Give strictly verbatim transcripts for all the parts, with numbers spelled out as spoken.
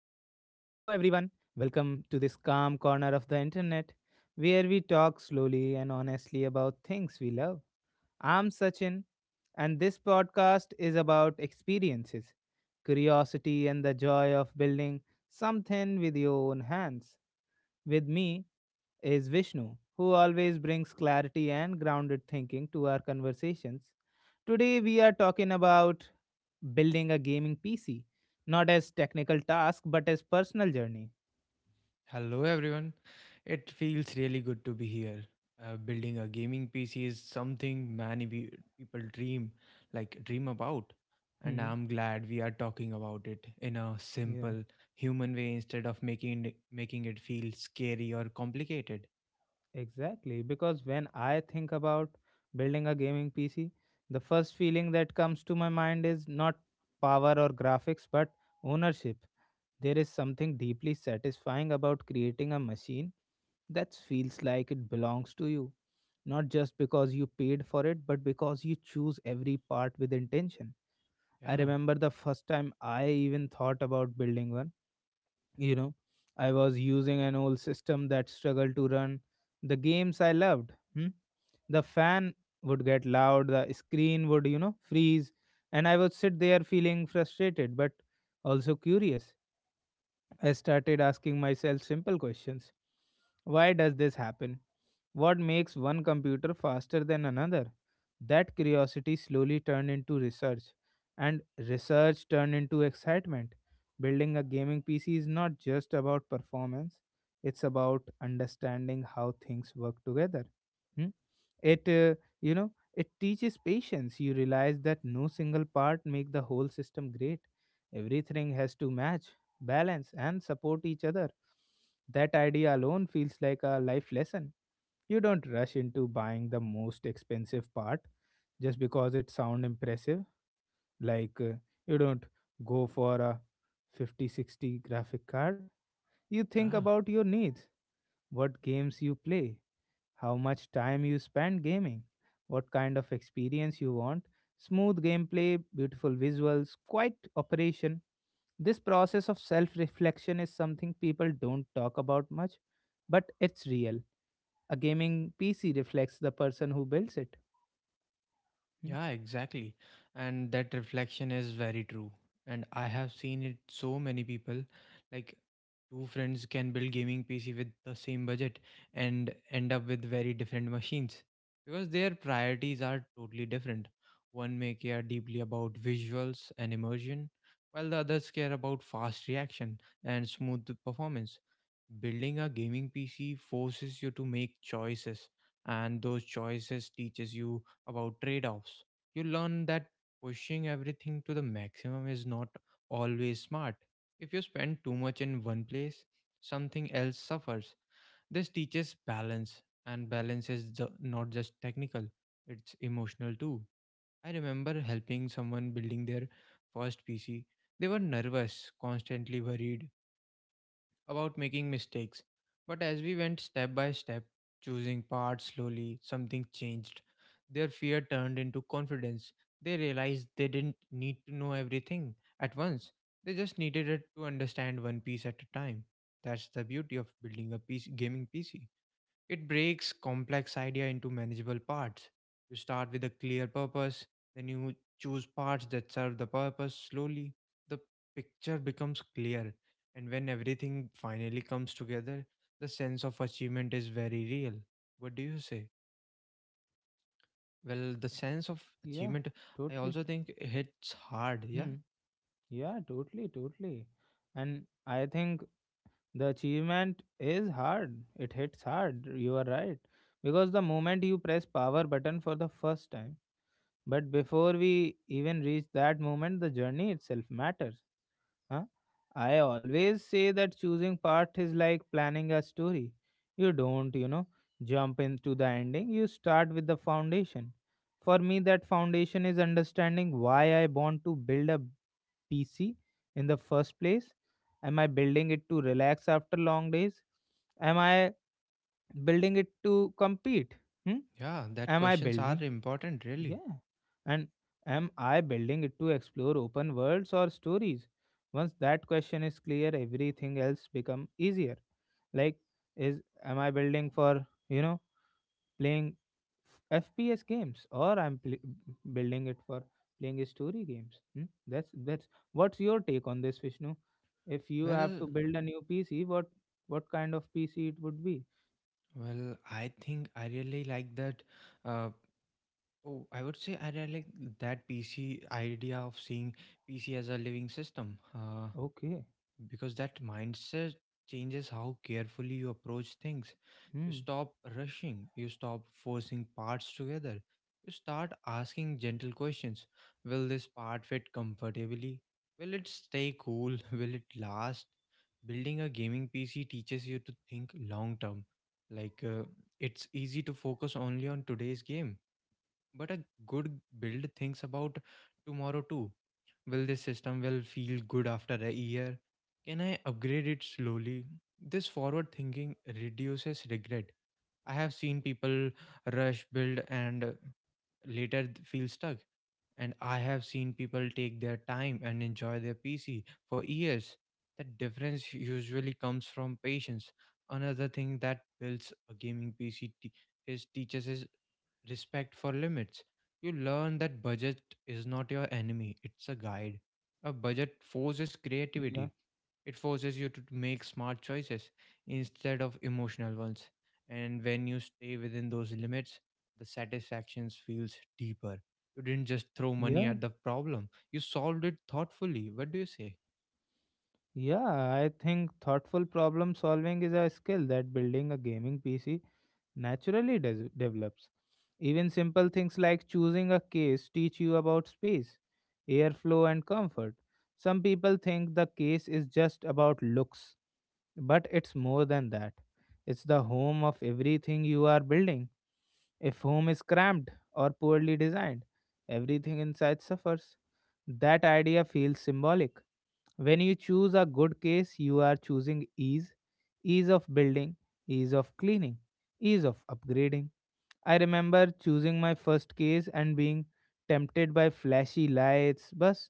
everyone. Welcome to this calm corner of the internet where we talk slowly and honestly about things we love. I'm Sachin, and this podcast is about experiences, curiosity, and the joy of building something with your own hands. With me is Vishnu, who always brings clarity and grounded thinking to our conversations. Today, we are talking about building a gaming P C, not as technical task, but as personal journey. Hello everyone. It feels really good to be here. Uh, building a gaming P C is something many pe- people dream, like dream about, and Hmm. I'm glad we are talking about it in a Yeah, simple human way instead of making it, making it feel scary or complicated. exactly. Because when I think about building a gaming P C, the first feeling that comes to my mind is not power or graphics, but ownership. There is something deeply satisfying about creating a machine that feels like it belongs to you, not just because you paid for it, but because you choose every part with intention. I Yeah. remember the first time I even thought about building one. You know, I was using an old system that struggled to run the games I loved. Hmm? The fan would get loud, the screen would, you know, freeze, and I would sit there feeling frustrated but also curious. I started asking myself simple questions. Why does this happen? What makes one computer faster than another? That curiosity slowly turned into research, and research turned into excitement. Building a gaming P C is not just about performance, it's about understanding how things work together. Hmm? It, uh, you know, it teaches patience. You realize that no single part make the whole system great. Everything has to match, balance, and support each other. That idea alone feels like a life lesson. You don't rush into buying the most expensive part just because it sound impressive. Like uh, you don't go for a fifty sixty graphic card. You think Yeah. about your needs, what games you play, how much time you spend gaming, what kind of experience you want, smooth gameplay, beautiful visuals, quiet operation. This process of self reflection is something people don't talk about much, but it's real. A gaming P C reflects the person who builds it. Hmm. Yeah, exactly. And that reflection is very true. And I have seen it so many people, like, two friends can build gaming P C with the same budget and end up with very different machines because their priorities are totally different. One may care deeply about visuals and immersion, while the others care about fast reaction and smooth performance. Building a gaming P C forces you to make choices, and those choices teaches you about trade offs. You learn that pushing everything to the maximum is not always smart. If you spend too much in one place, something else suffers. This teaches balance, and balance is ju- not just technical, it's emotional too. I remember helping someone building their first P C. They were nervous, constantly worried about making mistakes. But as we went step by step, choosing parts slowly, something changed. Their fear turned into confidence. They realized they didn't need to know everything at once. They just needed it to understand one piece at a time. That's the beauty of building a piece gaming P C. It breaks complex idea into manageable parts. You start with a clear purpose, then you choose parts that serve the purpose slowly. The picture becomes clear, and when everything finally comes together, the sense of achievement is very real. What do you say? Well, the sense of Yeah, achievement, I totally. also think hits hard, yeah? Hmm. Yeah, totally, totally. And I think the achievement is hard. It hits hard. You are right. Because the moment you press power button for the first time, but before we even reach that moment, the journey itself matters. Huh? I always say that choosing part is like planning a story. You don't, you know, jump into the ending, you start with the foundation. For me, that foundation is understanding why I want to build a P C in the first place. Am I building it to relax after long days? Am I building it to compete? Hmm? Yeah, that Am I questions are building important, really. yeah. And am I building it to explore open worlds or stories? Once that question is clear, everything else become easier. Like is am I building for, you know, playing F P S games or I'm pl- building it for playing story games? Hmm? That's that's what's your take on this, Vishnu? If you have Well, to build a new P C, what what kind of P C it would be? well, I think I really like that. Uh, Oh, I would say I really like that P C idea of seeing P C as a living system, uh, Okay. because that mindset changes how carefully you approach things. You Hmm. stop rushing, you stop forcing parts together, you start asking gentle questions. Will this part fit comfortably? Will it stay cool? Will it last? Building a gaming P C teaches you to think long term. Like, uh, it's easy to focus only on today's game, but a good build thinks about tomorrow too. Will this system will feel good after a year? Can I upgrade it slowly? This forward thinking reduces regret. I have seen people rush build and later th- feel stuck. And I have seen people take their time and enjoy their P C for years. The difference usually comes from patience. Another thing that builds a gaming P C is teaches is respect for limits. You learn that budget is not your enemy, it's a guide. A budget forces Yeah. creativity, it forces you to make smart choices instead of emotional ones. And when you stay within those limits, the satisfaction feels deeper. You didn't just throw money at Yeah. the problem, you solved it thoughtfully. What do you say? Yeah, I think thoughtful problem solving is a skill that building a gaming P C naturally des- develops. Even simple things like choosing a case teach you about space, airflow, and comfort. Some people think the case is just about looks, but it's more than that. It's the home of everything you are building. If home is cramped or poorly designed, everything inside suffers. That idea feels symbolic. When you choose a good case, you are choosing ease, ease of building, ease of cleaning, ease of upgrading. I remember choosing my first case and being tempted by flashy lights, but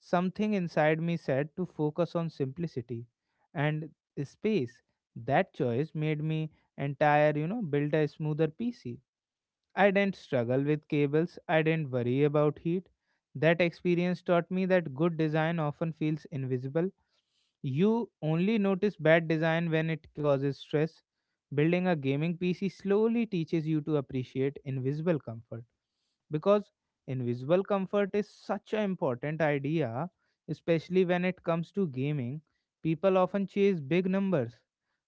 something inside me said to focus on simplicity and space. That choice made me entire, you know, build a smoother P C. I didn't struggle with cables, I didn't worry about heat. That experience taught me that good design often feels invisible. You only notice bad design when it causes stress. Building a gaming P C slowly teaches you to appreciate invisible comfort because invisible comfort is such an important idea, especially when it comes to gaming. People often chase big numbers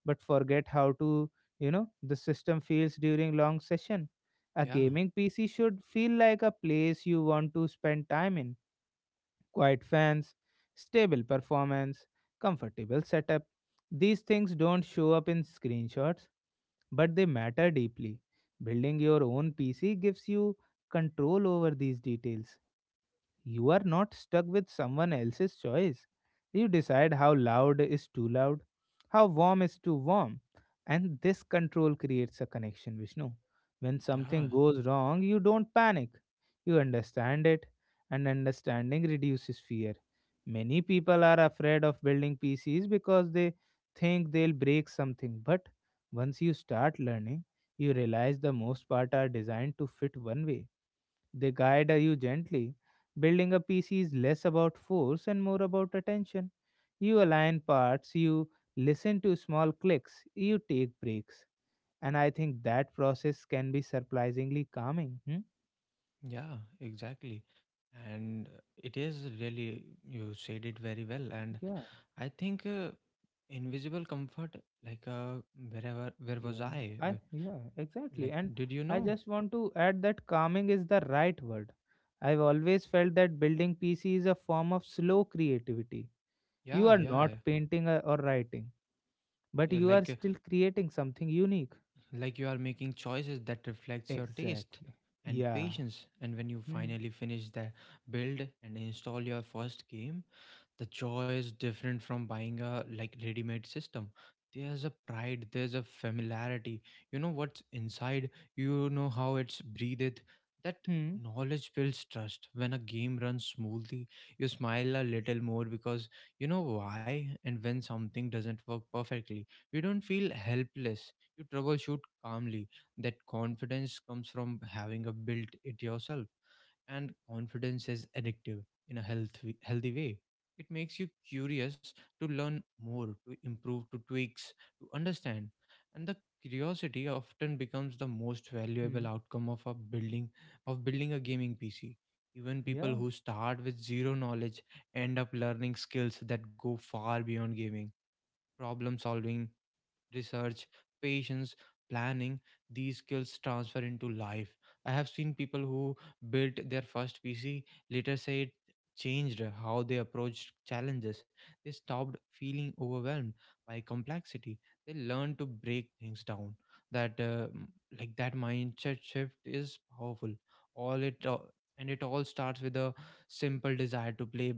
but forget how to, you know, the system feels during long session. A Yeah, gaming P C should feel like a place you want to spend time in, quiet fans, stable performance, comfortable setup. These things don't show up in screenshots, but they matter deeply. Building your own P C gives you control over these details. You are not stuck with someone else's choice. You decide how loud is too loud, how warm is too warm. And this control creates a connection, Vishnu. When yeah, something goes wrong, you don't panic. You understand it, and understanding reduces fear. Many people are afraid of building P Cs because they think they'll break something. But once you start learning, you realize the most part are designed to fit one way. They guide you gently. Building a P C is less about force and more about attention. You align parts, you listen to small clicks, you take breaks. And I think that process can be surprisingly calming. Hmm? yeah, exactly. And it is really, you said it very well. And Yeah, I think uh, invisible comfort, like, uh, wherever, where was yeah. I? I Wh- yeah, exactly. Like, And did you I know? just want to add that calming is the right word. I've always felt that building P C is a form of slow creativity. You Yeah, are yeah. not painting uh, or writing, but Yeah. you are Like, still creating something unique. like you are making choices that reflects your taste Exactly. and Yeah. patience, and when you Hmm. finally finish the build and install your first game, the joy is different from buying a like ready-made system. There's a pride, there's a familiarity. You know what's inside, you know how it's breathed. That Hmm. knowledge builds trust. When a game runs smoothly, you smile a little more because you know why, and when something doesn't work perfectly, you don't feel helpless, you troubleshoot calmly. That confidence comes from having a built it yourself, and confidence is addictive in a healthy healthy way. It makes you curious to learn more, to improve, to tweaks, to understand. And the curiosity often becomes the most Hmm. valuable outcome of a building of building a gaming P C. Even Yeah. people who start with zero knowledge end up learning skills that go far beyond gaming. Problem solving, research, patience, planning. These skills transfer into life. I have seen people who built their first P C later say it changed how they approached challenges. They stopped feeling overwhelmed by complexity. They learned to break things down. That uh, m- like that mindset shift is powerful. All it uh, and it all starts with a simple desire to play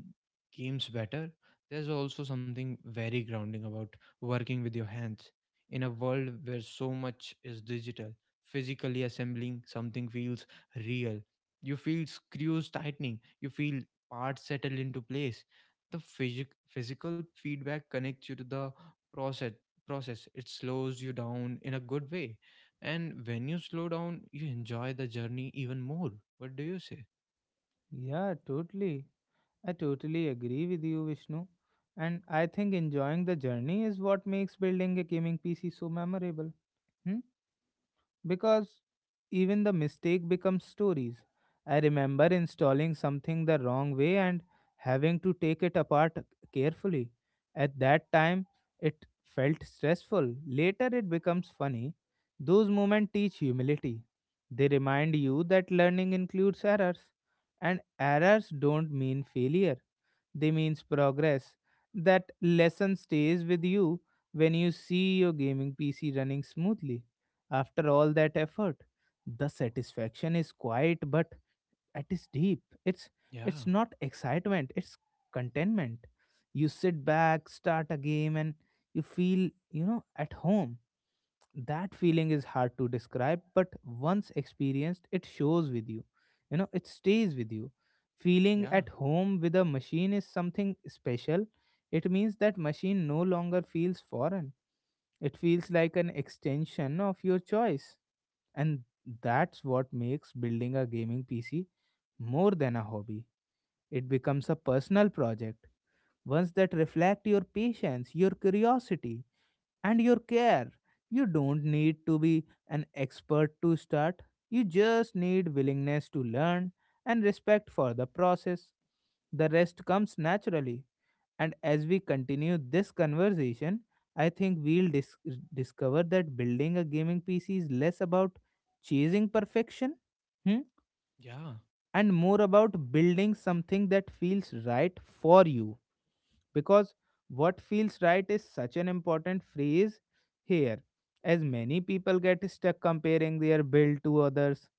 games better. There's also something very grounding about working with your hands. In a world where so much is digital, physically assembling something feels real. You feel screws tightening, you feel parts settle into place. The physic- physical feedback connects you to the process process It slows you down in a good way, and when you slow down you enjoy the journey even more. What do you say? Yeah. Totally. I totally agree with you, Vishnu. And I think enjoying the journey is what makes building a gaming P C so memorable. Hmm? Because even the mistake becomes stories. I remember installing something the wrong way and having to take it apart carefully. At that time, it felt stressful. Later, it becomes funny. Those moments teach humility. They remind you that learning includes errors, and errors don't mean failure. They means progress. That lesson stays with you when you see your gaming P C running smoothly. After all that effort, the satisfaction is quiet but it is deep. It's Yeah, it's not excitement, it's contentment. You sit back, start a game and you feel, you know, at home. That feeling is hard to describe, but once experienced it shows with you. You know it stays with you. Feeling yeah, at home with a machine is something special. It means that machine no longer feels foreign. It feels like an extension of your choice. And that's what makes building a gaming PC more than a hobby. It becomes a personal project, ones that reflect your patience, your curiosity, and your care. You don't need to be an expert to start. You just need willingness to learn and respect for the process. The rest comes naturally. And as we continue this conversation, I think we'll dis- discover that building a gaming P C is less about chasing perfection, hmm, yeah, and more about building something that feels right for you. Because what feels right is such an important phrase here, as many people get stuck comparing their build to others.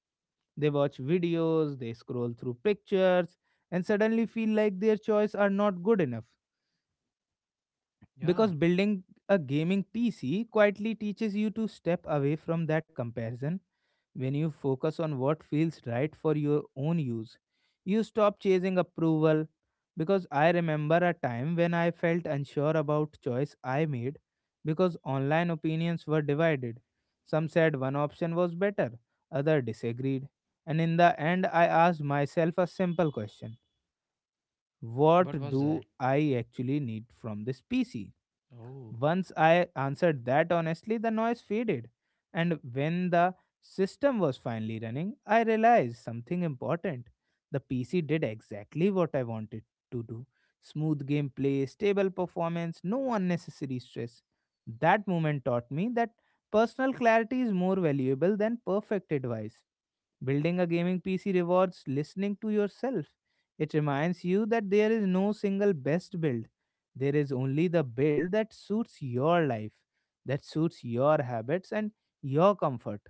They watch videos, they scroll through pictures, and suddenly feel like their choice are not good enough. yeah. Because building a gaming P C quietly teaches you to step away from that comparison. When you focus on what feels right for your own use, you stop chasing approval. Because I remember a time when I felt unsure about choice I made because online opinions were divided. Some said one option was better, other disagreed. And in the end, I asked myself a simple question. What What was do that? I actually need from this P C? Oh, Once I answered that honestly, the noise faded. And when the system was finally running, I realized something important. The P C did exactly what I wanted to do, smooth gameplay, stable performance, no unnecessary stress. That moment taught me that personal clarity is more valuable than perfect advice. Building a gaming P C rewards listening to yourself. It reminds you that there is no single best build. There is only the build that suits your life, that suits your habits and your comfort.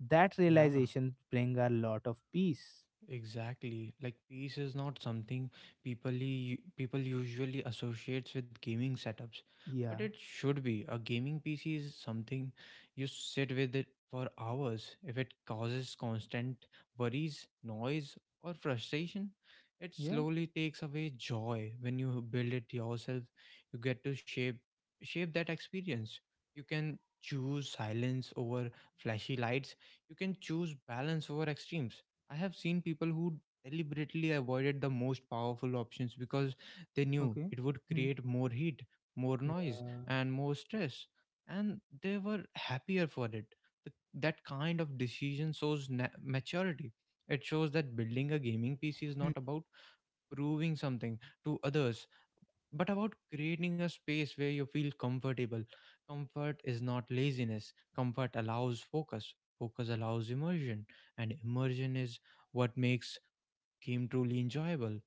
That yeah. realization bring a lot of peace. Exactly. Like peace is not something people u- people usually associates with gaming setups, but Yeah. it should be. A gaming P C is something you sit with it for hours. If it causes constant worries, noise, or frustration, it Yeah. slowly takes away joy. When you build it yourself, you get to shape shape that experience. You can choose silence over flashy lights. You can choose balance over extremes. I have seen people who deliberately avoided the most powerful options because they knew Okay. it would Hmm. create more heat, more noise, Yeah. and more stress, and they were happier for it. The, that kind of decision shows na- maturity. It shows that building a gaming P C is Hmm. not about proving something to others but about creating a space where you feel comfortable. Comfort is not laziness, comfort allows focus, focus allows immersion, and immersion is what makes became truly enjoyable.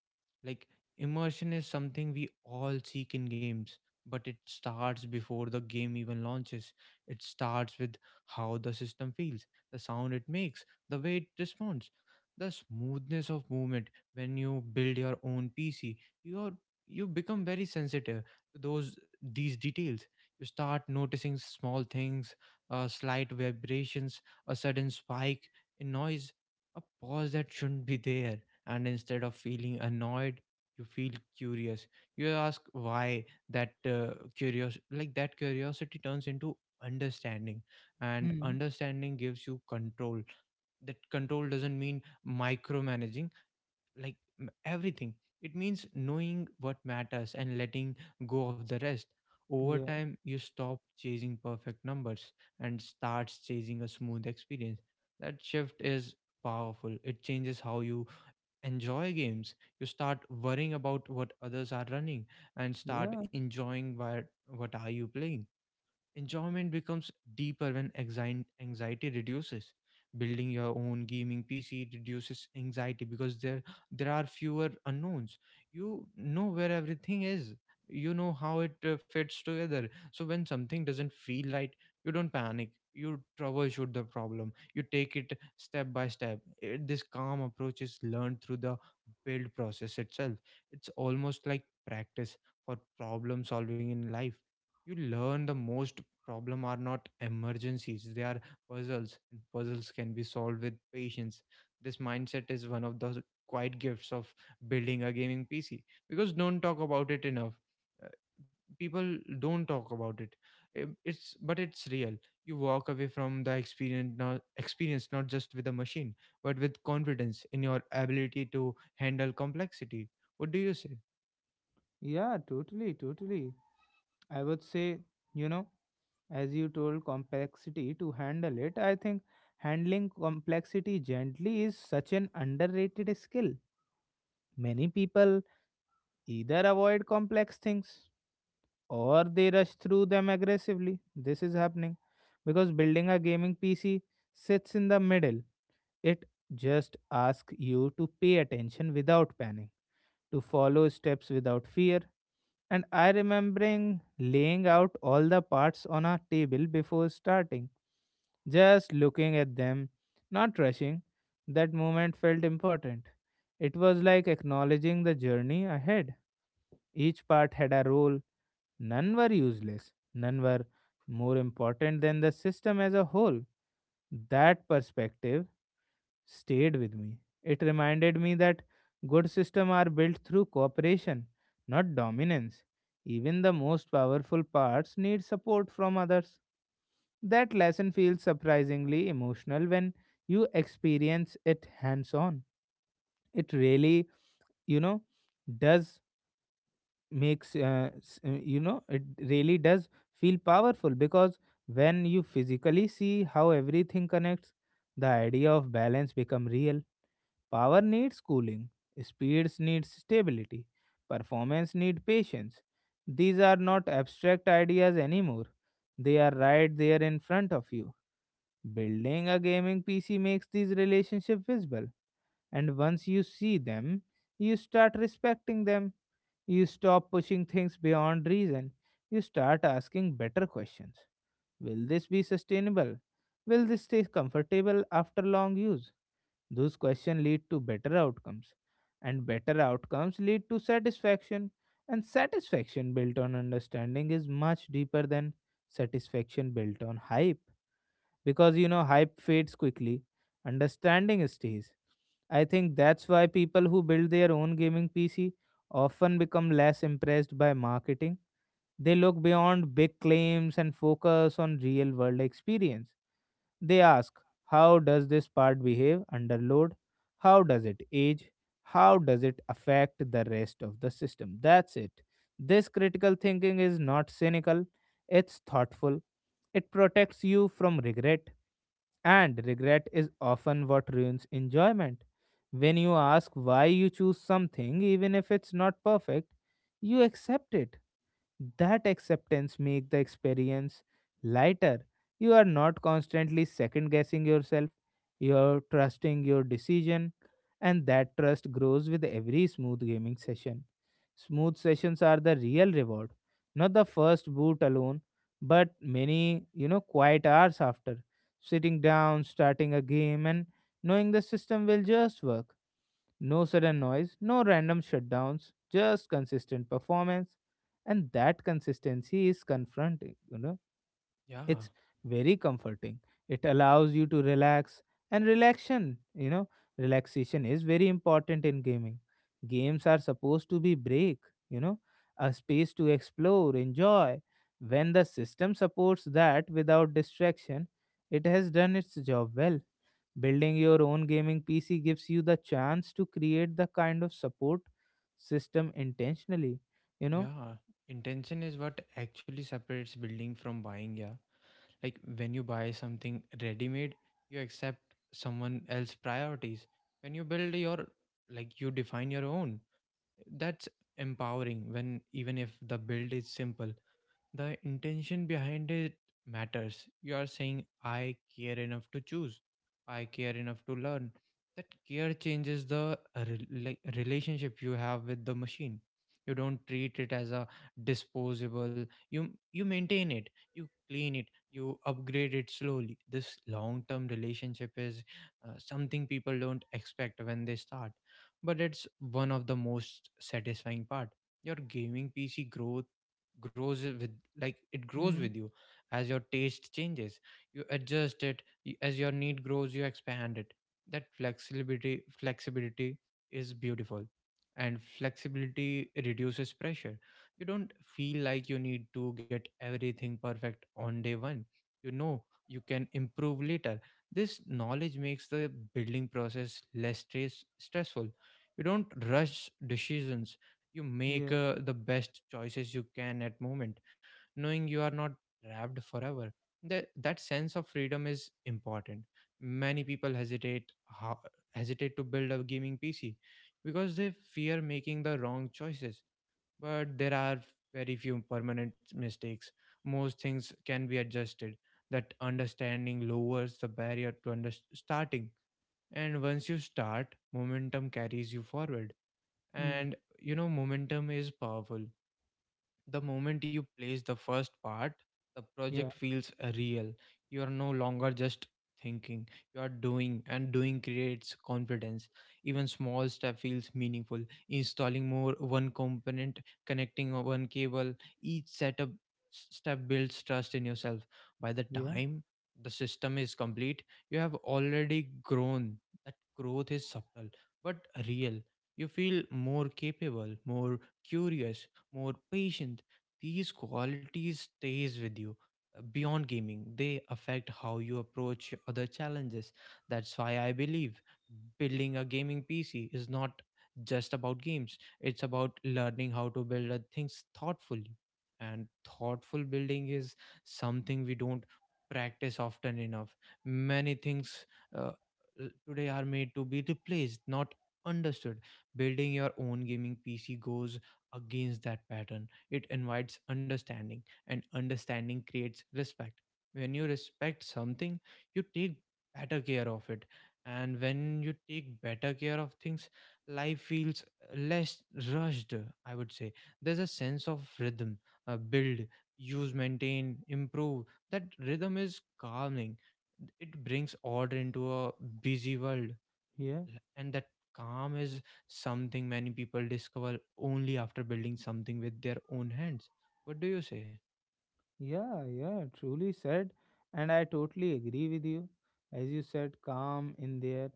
Like, immersion is something we all seek in games, but it starts before the game even launches. It starts with how the system feels, the sound it makes, the way it responds, the smoothness of movement. When you build your own P C, you are you become very sensitive to those these details. You start noticing small things, uh, slight vibrations, a sudden spike in noise, a pause that shouldn't be there, and instead of feeling annoyed you feel curious. You ask why. That uh, curious like that curiosity turns into understanding, and Hmm. understanding gives you control. That control doesn't mean micromanaging, like m- everything. It means knowing what matters and letting go of the rest. Over Yeah. time you stop chasing perfect numbers and starts chasing a smooth experience. That shift is powerful. It changes how you enjoy games. You start worrying about what others are running and start Yeah. enjoying what what are you playing. Enjoyment becomes deeper when anxi- anxiety reduces. Building your own gaming P C reduces anxiety because there there are fewer unknowns. You know where everything is. You know how it uh, fits together. So when something doesn't feel right, you don't panic. You troubleshoot the problem. You take it step by step. It, this calm approach is learned through the build process itself. It's almost like practice for problem solving in life. You learn the most problem are not emergencies, they are puzzles, and puzzles can be solved with patience. This mindset is one of the quiet gifts of building a gaming PC, because don't talk about it enough. Uh, People don't talk about it. Um, it's but it's real. You walk away from the experience not experience not just with a machine but with confidence in your ability to handle complexity. What do you say? Yeah. Totally. Totally. I would say, you know, as you told complexity to handle it, I think handling complexity gently is such an underrated skill. Many people either avoid complex things or they rush through them aggressively. This is happening because building a gaming PC sits in the middle. It just asks you to pay attention without panic, to follow steps without fear. And I remembering laying out all the parts on a table before starting, just looking at them, not rushing. That moment felt important. It was like acknowledging the journey ahead. Each part had a role, none were useless, none were more important than the system as a whole. That perspective stayed with me. It reminded me that good systems are built through cooperation, not dominance. Even the most powerful parts need support from others. That lesson feels surprisingly emotional when you experience it hands on. It really, you know, does makes uh, s- uh, you know it really does feel powerful because when you physically see how everything connects, the idea of balance become real. Power needs cooling, speeds needs stability, performance need patience. These are not abstract ideas anymore. They are right there in front of you. Building a gaming P C makes these relationships visible, and once you see them, you start respecting them. You stop pushing things beyond reason. You start asking better questions. Will this be sustainable? Will this stay comfortable after long use? Those questions lead to better outcomes, and better outcomes lead to satisfaction, and satisfaction built on understanding is much deeper than satisfaction built on hype, because you know hype fades quickly, understanding stays. I think Y- that's why people who build their own gaming PC often become less impressed by marketing. They look beyond big claims and focus on real world experience. They ask, how does this part behave under load? How does it age? How does it affect the rest of the system? That's it. This critical thinking is not cynical, it's thoughtful. It protects you from regret, and regret is often what ruins enjoyment. When you ask why you choose something, even if it's not perfect, you accept it. That acceptance make the experience lighter. You are not constantly second guessing yourself, you're trusting your decision, and that trust grows with every smooth gaming session. Smooth sessions are the real reward, not the first boot alone, but many you know quiet hours after sitting down, starting a game and knowing the system will just work. No sudden noise, no random shutdowns, just consistent performance. And that consistency is confronting, you know. Yeah, It's very comforting. It allows you to relax, and relaxation, you know, relaxation is very important in gaming. Games are supposed to be break, you know, a space to explore, enjoy. When the system supports that without distraction, it has done its job well. Building your own gaming P C gives you the chance to create the kind of support system intentionally, you know? yeah. Intention is what actually separates building from buying. Yeah. Like when you buy something ready made, you accept someone else's priorities. When you build your, like, you define your own. That's empowering. When even if the build is simple, the intention behind it matters. You are saying, I care enough to choose, I care enough to learn. That care changes the rela- relationship you have with the machine. You don't treat it as a disposable. You you maintain it, you clean it, you upgrade it slowly. This long-term relationship is uh, something people don't expect when they start, but it's one of the most satisfying part. Your gaming pc growth grows with like it grows with Mm, you as your taste changes. You adjust it, y- as your need grows you expand it. That flexibility flexibility is beautiful, and flexibility reduces pressure. You don't feel like you need to get everything perfect on day one. You know you can improve later. This knowledge makes the building process less stress- stressful. You don't rush decisions. You make yeah, uh, the best choices you can at moment, knowing you are not trapped forever. That that sense of freedom is important. Many people hesitate, ho- hesitate to build a gaming pc, because they fear making the wrong choices. But there are very few permanent mistakes. Most things can be adjusted. That understanding lowers the barrier to under- starting, and once you start, momentum carries you forward. mm, And you know, momentum is powerful. The moment you place the first part, the yeah, project feels uh, real. You are no longer just thinking, you are doing, and doing creates confidence. Even small step feels meaningful. Installing more one component, connecting o- one cable, each setup s- step builds trust in yourself. By the yeah, time the system is complete, you have already grown. That growth is subtle but real. You feel more capable, more curious, more patient. These qualities stays with you uh, beyond gaming. They affect how you approach other challenges. That's why I believe building a gaming P C is not just about games. It's about learning how to build uh, things thoughtfully. And thoughtful building is something we don't practice often enough. Many things uh, l- today are made to be replaced, not understood. Building your own gaming P C goes against that pattern. It invites understanding, and understanding creates respect. When you respect something, you take better care of it. And when you take better care of things, life feels less rushed, I would say. There's a sense of rhythm, uh, build, use, maintain, improve. That rhythm is calming. It brings order into a busy world, yeah, and that calm is something many people discover only after building something with their own hands. What do you say? yeah, yeah, truly said. And I totally agree with you. As you said, calm in there.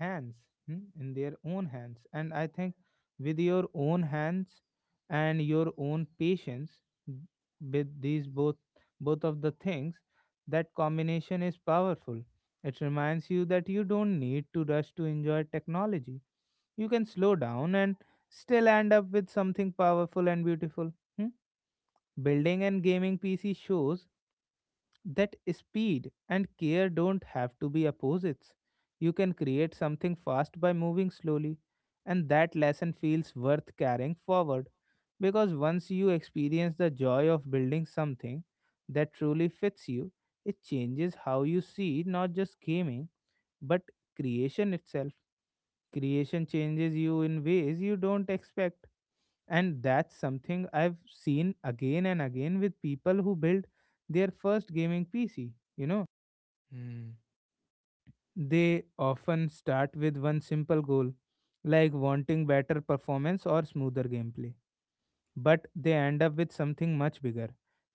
hands hmm, in their own hands, and I think with your own hands and your own patience, th- with these both, both of the things, that combination is powerful. It reminds you that you don't need to rush to enjoy technology. You can slow down and still end up with something powerful and beautiful. Hmm? Building and gaming P C shows that speed and care don't have to be opposites. You can create something fast by moving slowly, and that lesson feels worth carrying forward, because once you experience the joy of building something that truly fits you, it changes how you see not just gaming, but creation itself. Creation changes you in ways you don't expect, and that's something I've seen again and again with people who build their first gaming P C. You know, Hmm. they often start with one simple goal, like wanting better performance or smoother gameplay, but they end up with something much bigger.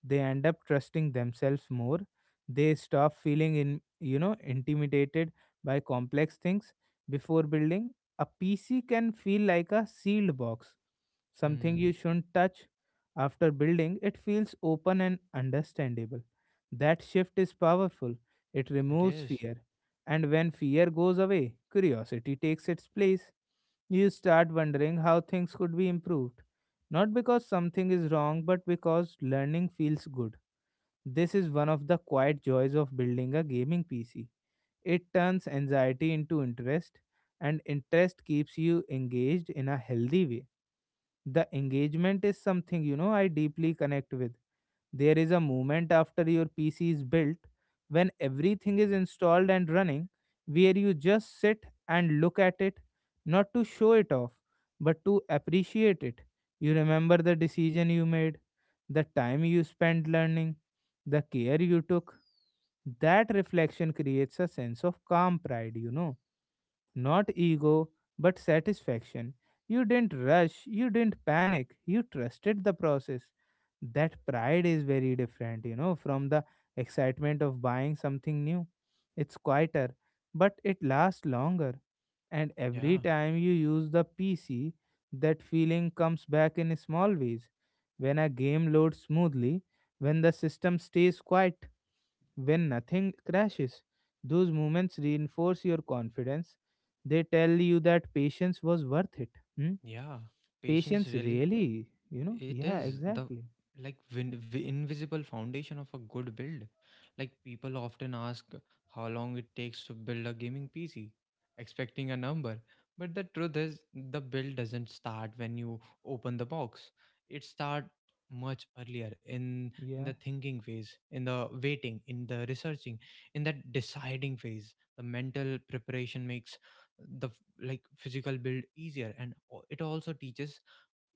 They end up trusting themselves more. They stop feeling in you know intimidated by complex things. Before building, a PC can feel like a sealed box, something Hmm. you shouldn't touch. After building, it feels open and understandable. That shift is powerful. It It removes is. fear, and when fear goes away, curiosity takes its place. You start wondering how things could be improved, not because something is wrong, but because learning feels good. This is one of the quiet joys of building a gaming P C. It turns anxiety into interest, and interest keeps you engaged in a healthy way. The engagement is something, you know, I deeply connect with. There is a moment after your P C is built, when everything is installed and running, where you just sit and look at it, not to show it off, but to appreciate it. You remember the decision you made, the time you spent learning, the care you took. That reflection creates a sense of calm pride, you know, not ego, but satisfaction. You didn't rush, you didn't panic, you trusted the process. That pride is very different, you know, from the excitement of buying something new. It's quieter, but it lasts longer. And every Yeah, time you use the P C, that feeling comes back in small ways. When a game loads smoothly, when the system stays quiet, when nothing crashes. Those moments reinforce your confidence. They tell you that patience was worth it. Hmm? yeah, patience Patience really. really, you know? It Yeah, is the, exactly. like, vin- vi- invisible foundation of a good build. Like, people often ask how long it takes to build a gaming P C, expecting a number. But the truth is, the build doesn't start when you open the box. It starts much earlier, in in the Yeah, thinking phase, in the waiting, in the researching, in that deciding phase. The mental preparation makes the f- like physical build easier, and o- it also teaches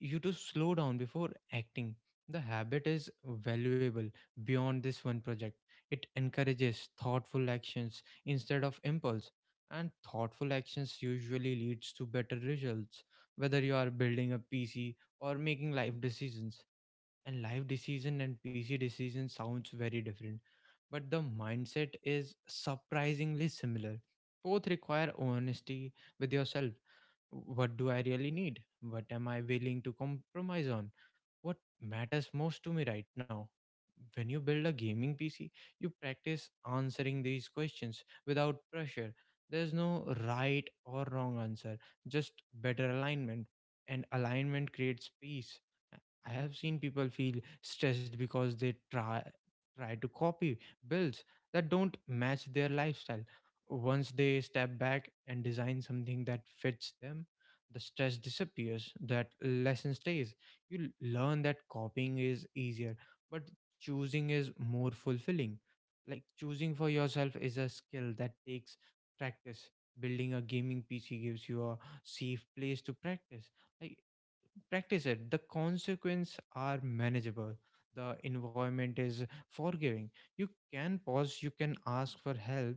you to slow down before acting. The habit is valuable beyond this one project. It encourages thoughtful actions instead of impulse, and thoughtful actions usually leads to better results, whether you are building a P C or making life decisions. And life decision and P C decision sounds very different, but the mindset is surprisingly similar. Both require honesty with yourself. What do I really need? What am I willing to compromise on? What matters most to me right now? When you build a gaming P C, you practice answering these questions without pressure. There's no right or wrong answer, just better alignment. And alignment creates peace. I I have seen people feel stressed because they try try to copy builds that don't match their lifestyle. Once they step back and design something that fits them, the stress disappears. That lesson stays. You learn that copying is easier, but choosing is more fulfilling. Like, choosing for yourself is a skill that takes practice. Building a gaming pc gives you a safe place to practice. Like, practice it, the consequences are manageable, the environment is forgiving. You can pause, you can ask for help.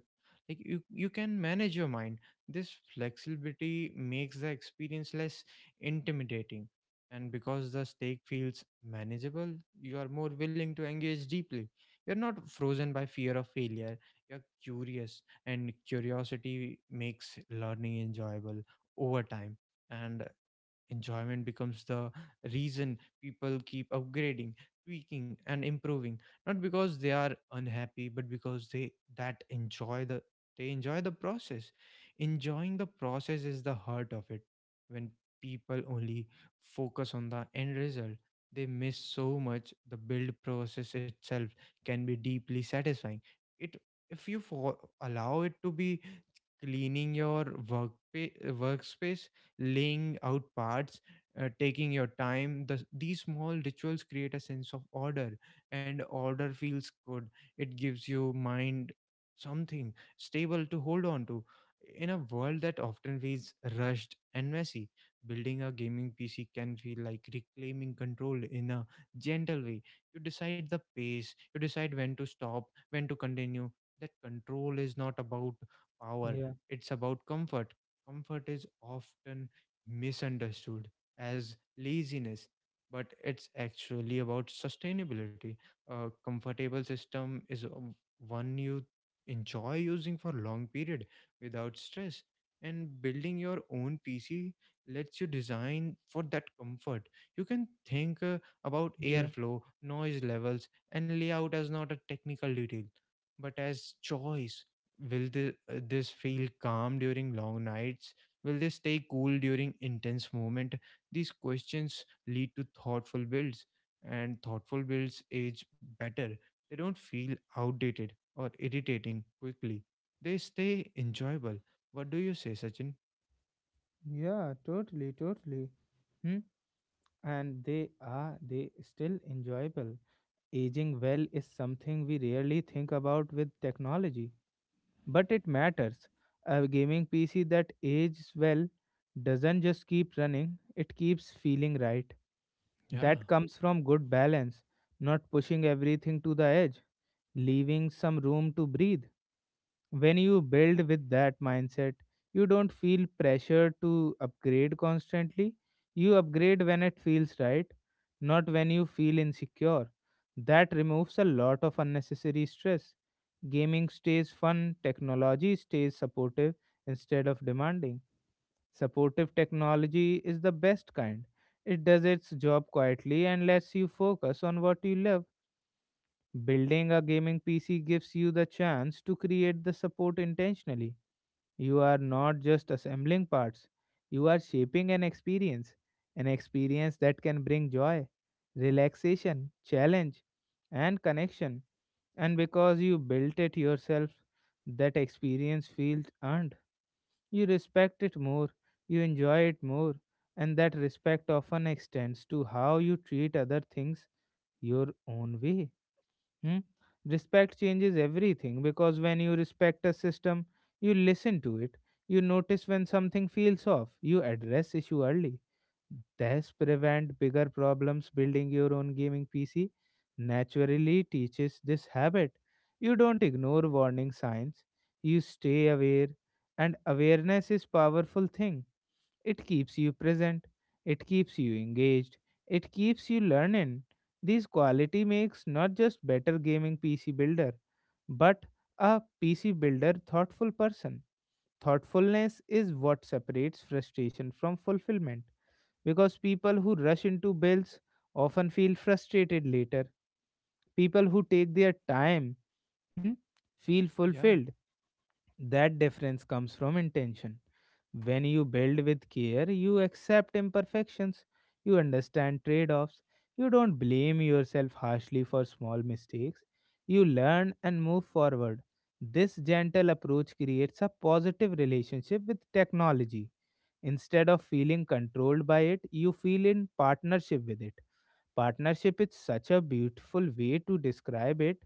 Like, you you can manage your mind. This flexibility makes the experience less intimidating, and because the stake feels manageable, you are more willing to engage deeply. You're not frozen by fear of failure. You're curious, and curiosity makes learning enjoyable over time. And enjoyment becomes the reason people keep upgrading, tweaking, and improving. Not because they are unhappy, but because they that enjoy the they enjoy the process. Enjoying the process is the heart of it. When people only focus on the end result, they miss so much. The build process itself can be deeply satisfying. It, if you for, allow it to be, cleaning your work workspace, laying out parts, uh, taking your time. The, these small rituals create a sense of order, and order feels good. It gives you mind something stable to hold on to. In a world that often feels rushed and messy, building a gaming P C can feel like reclaiming control in a gentle way. You decide the pace, you decide when to stop, when to continue. That control is not about power, yeah, it's about comfort. Comfort is often misunderstood as laziness, but it's actually about sustainability. A comfortable system is uh, one you enjoy using for long period without stress. And building your own P C lets you design for that comfort. You can think uh, about yeah, airflow, noise levels, and layout as not a technical detail, but as choice. Will the, uh, this feel calm during long nights? Will they stay cool during intense movement? These questions lead to thoughtful builds, and thoughtful builds age better. They don't feel outdated or irritating quickly. They stay enjoyable. What do you say, Sachin? yeah, totally, totally. Hmm? And they are, they still enjoyable. Aging well is something we rarely think about with technology, but it matters. A gaming P C that ages well doesn't just keep running, it keeps feeling right. Yeah, That comes from good balance, not pushing everything to the edge, leaving some room to breathe. When you build with that mindset, you don't feel pressure to upgrade constantly. You upgrade when it feels right, not when you feel insecure. That removes a lot of unnecessary stress. Gaming stays fun, technology stays supportive instead of demanding. Supportive technology is the best kind. It does its job quietly and lets you focus on what you love. Building a gaming P C gives you the chance to create the support intentionally. You are not just assembling parts, you are shaping an experience, an experience that can bring joy, relaxation, challenge, and connection. And because you built it yourself, that experience feels earned. You respect it more, you enjoy it more, and that respect often extends to how you treat other things your own way. Hmm? Respect changes everything, because when you respect a system, you listen to it, you notice when something feels off, you address issue early. This prevent bigger problems. Building your own gaming P C naturally teaches this habit. You don't ignore warning signs, you stay aware, and awareness is powerful thing. It keeps you present, it keeps you engaged, it keeps you learning. This quality makes not just better gaming P C builder, but a P C builder thoughtful person. Thoughtfulness is what separates frustration from fulfillment, because people who rush into bills often feel frustrated later. People who take their time, hmm, feel yeah, fulfilled. That difference comes from intention. When you build with care, you accept imperfections, you understand trade offs, you don't blame yourself harshly for small mistakes, you learn and move forward. This gentle approach creates a positive relationship with technology. Instead of feeling controlled by it, you feel in partnership with it. Partnership is such a beautiful way to describe it,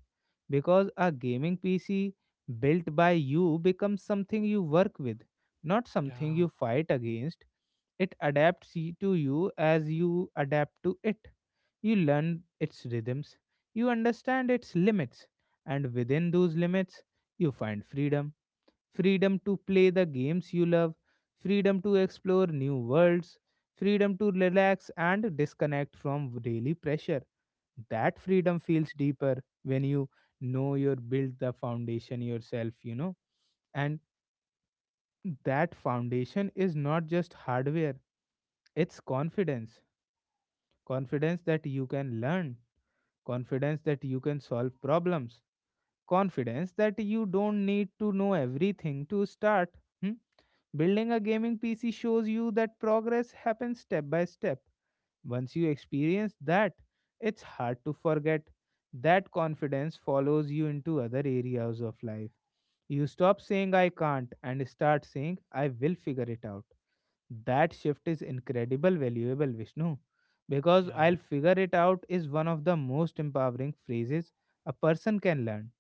because a gaming P C built by you becomes something you work with, not something yeah, you fight against. It adapts y- to you as you adapt to it. You learn its rhythms, you understand its limits, and within those limits, you find freedom. Freedom to play the games you love, freedom to explore new worlds, freedom to relax and disconnect from daily pressure. That freedom feels deeper when you know you build the foundation yourself, you know. And that foundation is not just hardware, it's confidence. Confidence that you can learn, confidence that you can solve problems, confidence that you don't need to know everything to start. Hmm? Building a gaming P C shows you that progress happens step by step. Once you experience that, it's hard to forget. That confidence follows you into other areas of life. You stop saying I can't and start saying I will figure it out. That shift is incredible valuable, Vishnu, because yeah, I'll figure it out is one of the most empowering phrases a person can learn,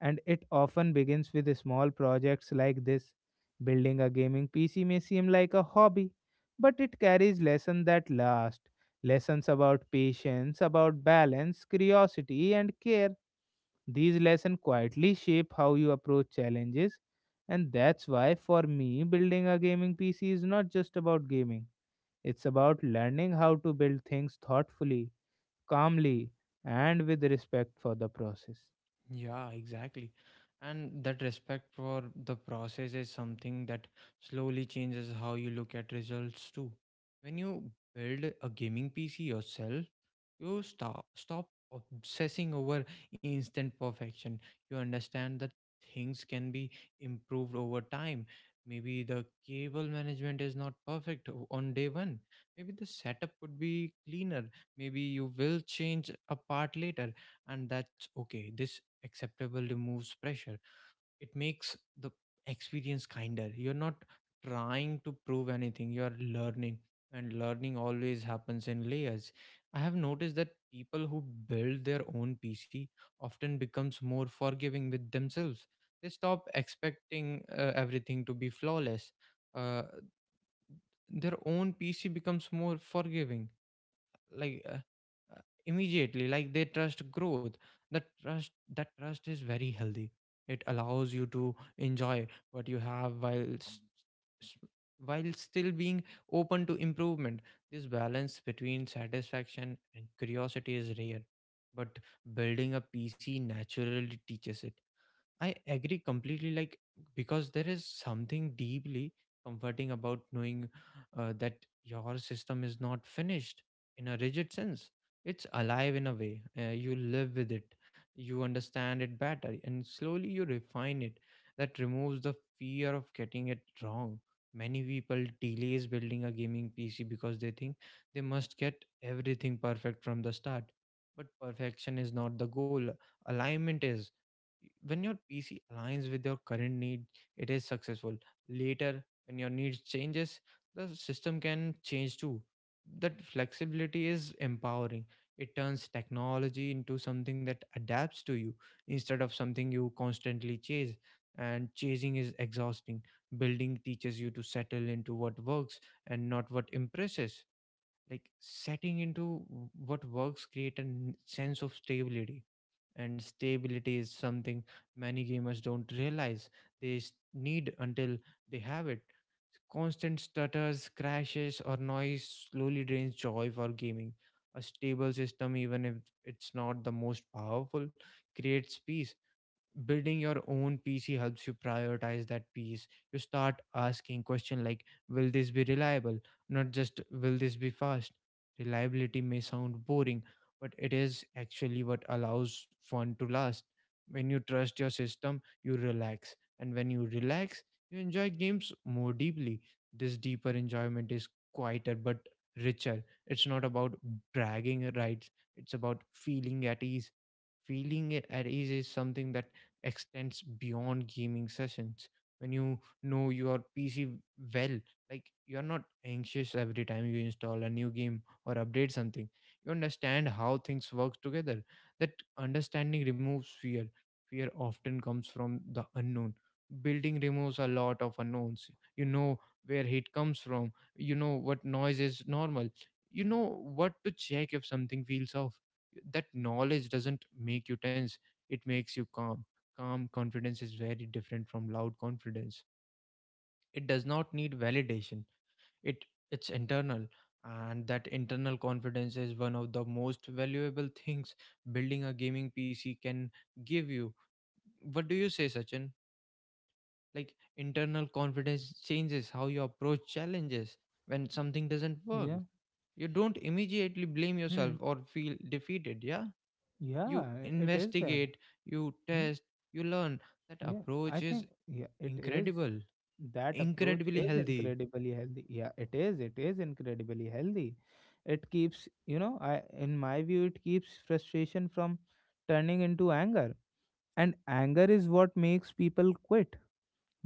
and it often begins with small projects like this. Building a gaming P C may seem like a hobby, but it carries lessons that last. Lessons about patience, about balance, curiosity, and care. These lessons quietly shape how you approach challenges, and that's why, for me, building a gaming P C is not just about gaming, it's about learning how to build things thoughtfully, calmly, and with respect for the process. yeah, exactly. And that respect for the process is something that slowly changes how you look at results too. When you build a gaming P C yourself, you stop stop obsessing over instant perfection. You understand that things can be improved over time. Maybe the cable management is not perfect o- on day one. Maybe the setup could be cleaner. Maybe you will change a part later, and that's okay. This acceptable removes pressure. It makes the experience kinder. You're not trying to prove anything, you're learning, and learning always happens in layers. I have noticed that people who build their own pc often becomes more forgiving with themselves. They stop expecting uh, everything to be flawless. uh, their own pc becomes more forgiving, like, uh, uh, immediately, like, they trust growth. That trust that trust is very healthy. It allows you to enjoy what you have while s- s- while still being open to improvement. This balance between satisfaction and curiosity is rare, but building a pc naturally teaches it. I agree completely. Like, because there is something deeply comforting about knowing uh, that your system is not finished in a rigid sense. It's alive in a way. Uh, you live with it, you understand it better, and slowly you refine it. That removes the fear of getting it wrong. Many people delays building a gaming P C because they think they must get everything perfect from the start. But perfection is not the goal, alignment is. When your pc aligns with your current need, it is successful. Later, when your needs changes, the system can change too. That flexibility is empowering. It turns technology into something that adapts to you instead of something you constantly chase, and chasing is exhausting. Building teaches you to settle into what works, and not what impresses. Like, setting into w- what works create a n- sense of stability, and stability is something many gamers don't realize they s- need until they have it. Constant stutters, crashes, or noise slowly drains joy for gaming. A stable system, even if it's not the most powerful, creates peace. Building your own pc helps you prioritize that piece. You start asking question like, will this be reliable, not just will this be fast. Reliability may sound boring, but it is actually what allows fun to last. When you trust your system you relax, and when you relax you enjoy games more deeply. This deeper enjoyment is quieter but richer. It's not about bragging rights, it's about feeling at ease. Feeling at ease is something that extends beyond gaming sessions. When you know your P C well, like, you're not anxious every time you install a new game or update something. You understand how things work together. That understanding removes fear. Fear often comes from the unknown. Building removes a lot of unknowns. You know where heat comes from. You know what noise is normal. You know what to check if something feels off. That knowledge doesn't make you tense, it makes you calm. Calm confidence is very different from loud confidence. It does not need validation. It it's internal, and that internal confidence is one of the most valuable things building a gaming P C can give you. What do you say, Sachin? Like, internal confidence changes how you approach challenges when something doesn't work. Yeah. You don't immediately blame Hmm. yourself or feel defeated, yeah? You Yeah, it is there. investigate, you Hmm? test, you learn. That Yeah, I approach is think yeah, it is. incredible That approach incredibly is healthy. incredibly healthy. Yeah, it is. It is incredibly healthy. It keeps, you know, I in my view, it keeps frustration from turning into anger. And anger is what makes people quit.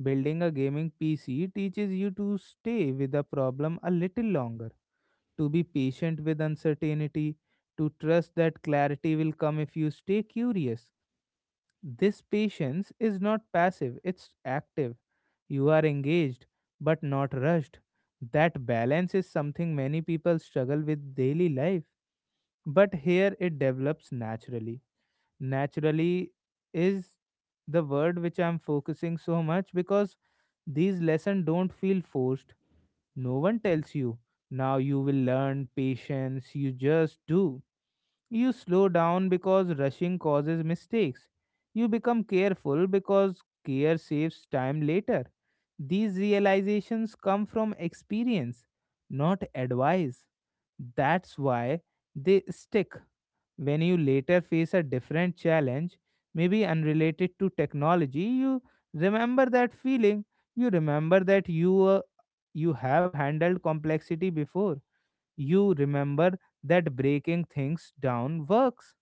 Building a gaming P C teaches you to stay with a problem a little longer, to be patient with uncertainty, to trust that clarity will come if you stay curious. This patience is not passive, it's active. You are engaged but not rushed. That balance is something many people struggle with daily life, but here it develops naturally. Naturally is the word which I'm focusing so much, because these lessons don't feel forced. No one tells you, now you will learn patience, you just do. You slow down because rushing causes mistakes. You become careful because care saves time later. These realizations come from experience, not advice. That's why they stick. When you later face a different challenge, maybe unrelated to technology, you remember that feeling. You remember that you uh, you have handled complexity before. You remember that breaking things down works,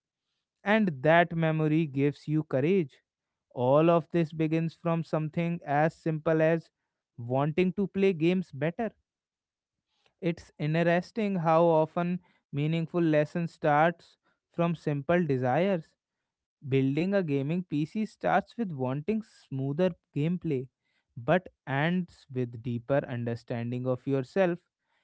and that memory gives you courage. All of this begins from something as simple as wanting to play games better. It's interesting how often meaningful lessons starts from simple desires. Building a gaming P C starts with wanting smoother gameplay, but ends with deeper understanding of yourself.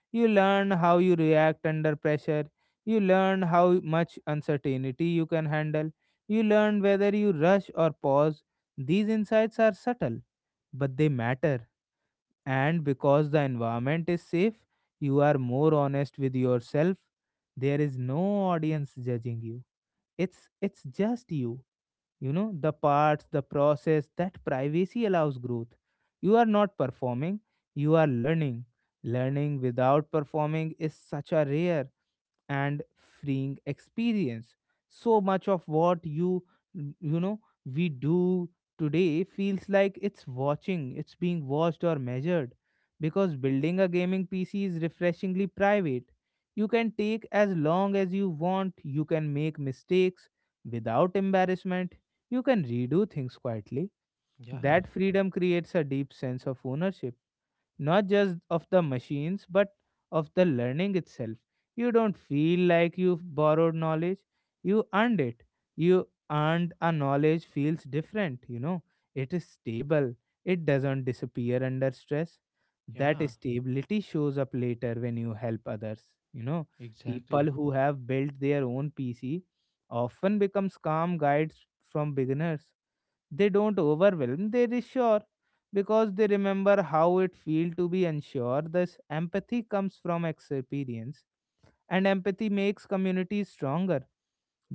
You learn how you react under pressure, you learn how much uncertainty you can handle, you learn whether you rush or pause. These insights are subtle, but they matter. And because the environment is safe, you are more honest with yourself. There is no audience judging you. It's it's just you you know The parts, the process, that privacy allows growth. You are not performing, you are learning. Learning without performing is such a rare and freeing experience. So much of what you you know we do today feels like it's watching it's being watched or measured. Because building a gaming PC is refreshingly private, you can take as long as you want, you can make mistakes without embarrassment, you can redo things quietly. Yeah, That freedom creates a deep sense of ownership, not just of the machines, but of the learning itself. You don't feel like you've borrowed knowledge, you earned it. You earned a knowledge feels different, you know. It is stable, it doesn't disappear under stress. That yeah, stability shows up later when you help others, you know. exactly. People who have built their own PC often becomes calm guides from beginners. They don't overwhelm, they reassure, because they remember how it feels to be unsure. Thus, empathy comes from experience, and empathy makes communities stronger.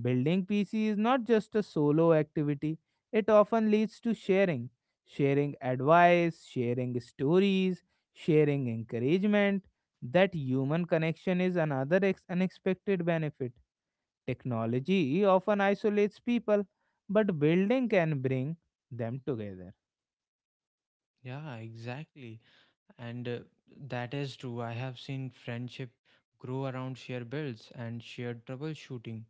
Building P C is not just a solo activity, it often leads to sharing. Sharing advice, sharing stories, sharing encouragement. That human connection is another ex- unexpected benefit. Technology often isolates people, but building can bring them together. Yeah, exactly. And uh, that is true. I have seen friendship grow around shared bills and shared troubleshooting.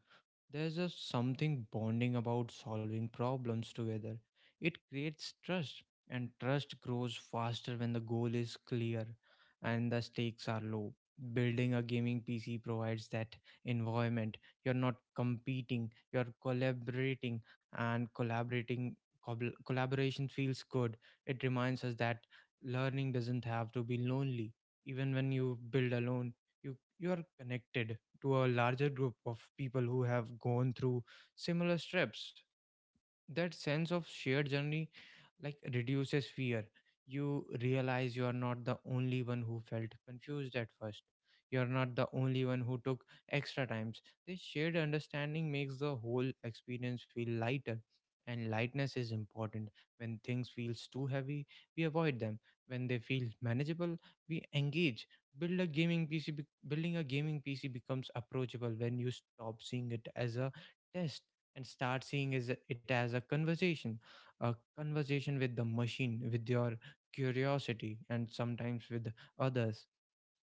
There's just something bonding about solving problems together. It creates trust, and trust grows faster when the goal is clear and the stakes are low. Building a gaming P C provides that environment. You're not competing, you're collaborating, and collaborating cobl- collaboration feels good. It reminds us that learning doesn't have to be lonely. Even when you build alone, you you are connected to a larger group of people who have gone through similar steps. That sense of shared journey like reduces fear. You realize you are not the only one who felt confused at first, you are not the only one who took extra times. This shared understanding makes the whole experience feel lighter, and lightness is important. When things feels too heavy, we avoid them. When they feel manageable, we engage. Build a gaming pc be- building a gaming PC becomes approachable when you stop seeing it as a test and start seeing is it as a conversation, a conversation with the machine, with your curiosity, and sometimes with others.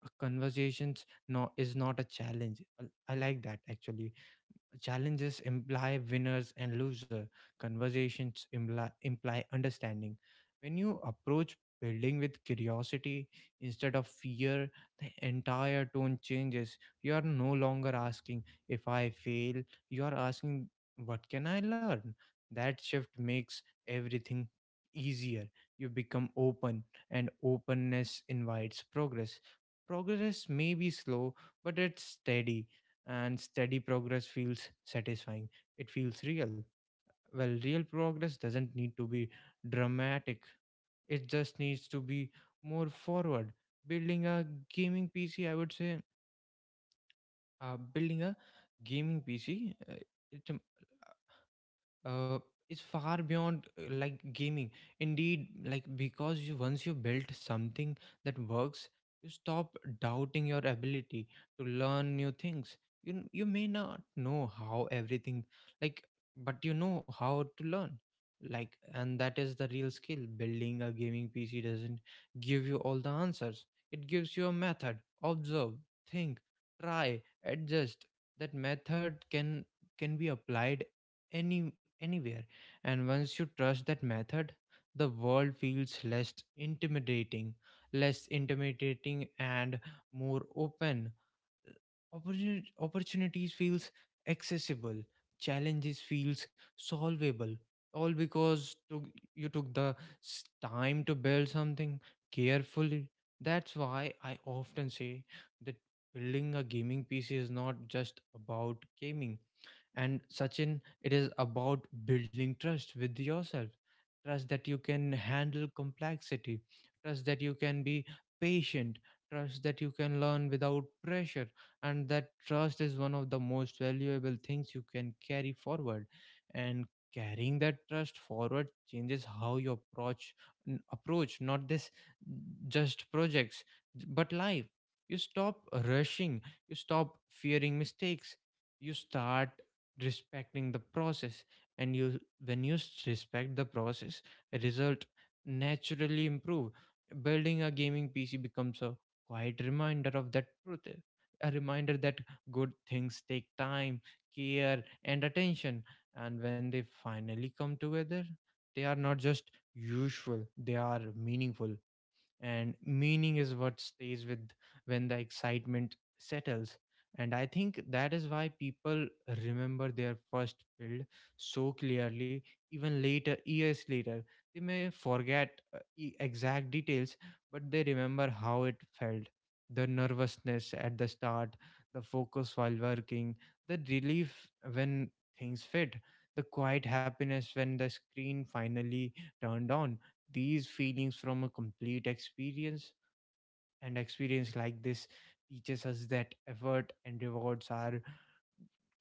A conversations no is not a challenge. I I like that actually. Challenges imply winners and losers. Conversations imply, imply understanding. When you approach building with curiosity instead of fear, the entire tone changes. You are no longer asking, if I fail, you are asking, what can I learn? That shift makes everything easier. You become open, and openness invites progress. Progress may be slow, but it's steady, and steady progress feels satisfying. It feels real. Well, real progress doesn't need to be dramatic, it just needs to be more forward. Building a gaming P C, I would say, uh, building a gaming P C, uh, it, uh, it's far beyond uh, like gaming indeed. Like because you once you built something that works, you stop doubting your ability to learn new things. You n- you may not know how everything, like but you know how to learn. Like and that is the real skill. Building a gaming PC doesn't give you all the answers, it gives you a method. Observe, think, try, adjust. That method can can be applied any anywhere. And once you trust that method, the world feels less intimidating. Less intimidating and more open. Opportuni- opportunities feels accessible, challenges feels solvable, all because took, you took the s- time to build something carefully. That's why I often say that building a gaming PC is not just about gaming, and Sachin, it is about building trust with yourself. Trust that you can handle complexity. Trust that you can be patient. Trust that you can learn without pressure. And that trust is one of the most valuable things you can carry forward. And carrying that trust forward changes how you approach n- approach not this just projects, j- but life. You stop rushing. You stop fearing mistakes. You start respecting the process. And you when you s- respect the process, result naturally improve. Building a gaming PC becomes a quiet reminder of that truth, eh, a reminder that good things take time, care, and attention. And when they finally come together, they are not just usual, they are meaningful. And meaning is what stays with when the excitement settles. And I think that is why people remember their first build so clearly. Even later, years later, they may forget uh, e- exact details, but they remember how it felt. The nervousness at the start, the focus while working, the relief when things fit, the quiet happiness when the screen finally turned on. These feelings from a complete experience, and experience like this, teaches us that effort and rewards are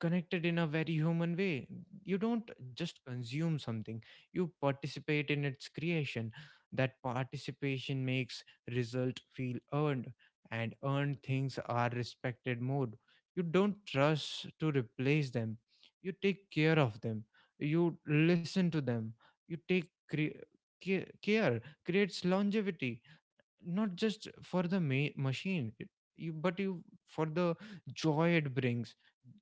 connected in a very human way. You don't just consume something, you participate in its creation. That participation makes result feel earned, and earned things are respected more. You don't trust to replace them, you take care of them, you listen to them, you take cre- ca- care, creates longevity, not just for the ma- machine it- you but you, for the joy it brings.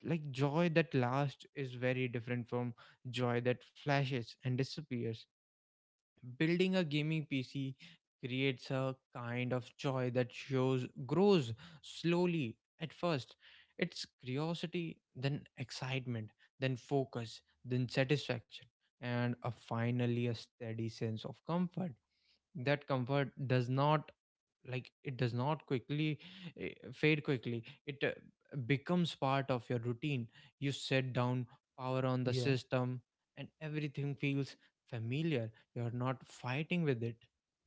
like Joy that lasts is very different from joy that flashes and disappears. Building a gaming PC creates a kind of joy that shows grows slowly at first. It's curiosity, then excitement, then focus, then satisfaction, and a, finally a steady sense of comfort. That comfort does not, like it does not quickly, eh, fade quickly. It uh, becomes part of your routine. You set down, power on the Yeah. system, and everything feels familiar. You're not fighting with it,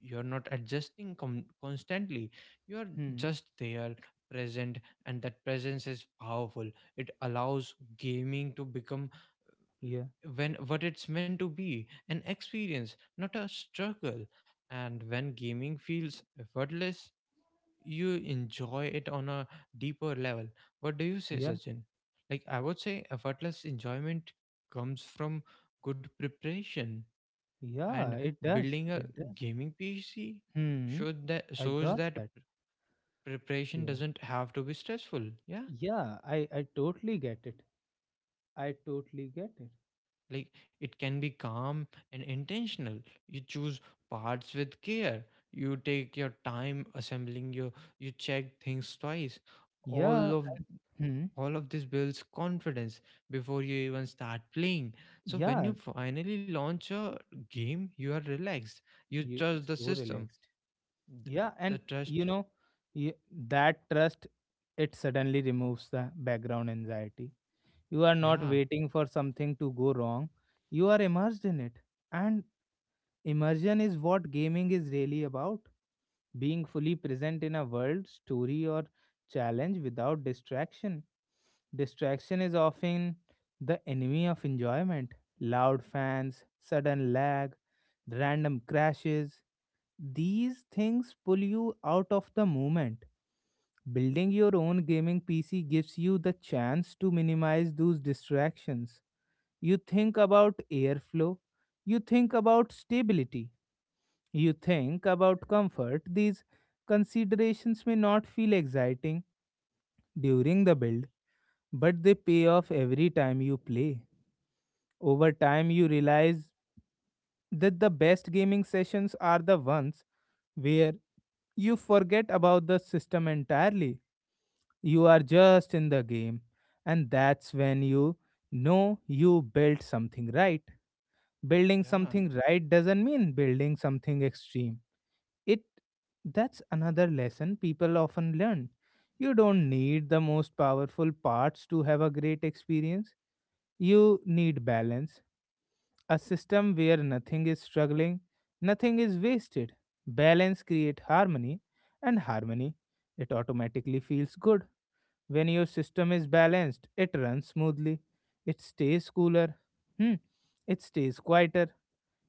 you're not adjusting com- constantly, you're Hmm. just there, present. And that presence is powerful. It allows gaming to become Yeah. when what it's meant to be, an experience, not a struggle. And when gaming feels effortless, you enjoy it on a deeper level. What do you say, Yeah. Sachin? Like, I would say effortless enjoyment comes from good preparation, Yeah, and it does. building a It does. gaming P C Hmm. Should that I shows got that that. preparation Yeah. doesn't have to be stressful. Yeah. Yeah, I I totally get it. I totally get it. Like it can be calm and intentional. You choose parts with care. You take your time assembling your, you check things twice. All Yeah. of Hmm. all of this builds confidence before you even start playing. So when you Yeah. finally launch a game, you are relaxed, you You trust the so system. relaxed. Th- Yeah. the And you trust. know, you, that trust, it suddenly removes the background anxiety. You are not Yeah. waiting for something to go wrong. You are immersed in it. And immersion is what gaming is really about, being fully present in a world, story, or challenge without distraction. Distraction is often the enemy of enjoyment. Loud fans, sudden lag, random crashes. These things pull you out of the moment. Building your own gaming P C gives you the chance to minimize those distractions. You think about airflow. You think about stability. You think about comfort. These considerations may not feel exciting during the build, but they pay off every time you play. Over time, you realize that the best gaming sessions are the ones where you forget about the system entirely. You are just in the game, and that's when you know you built something right. Building Yeah, something right doesn't mean building something extreme. It that's another lesson people often learn. You don't need the most powerful parts to have a great experience. You need balance, a system where nothing is struggling, nothing is wasted. Balance create harmony, and harmony it automatically feels good. When your system is balanced, it runs smoothly. It stays cooler. Hmm. It stays quieter,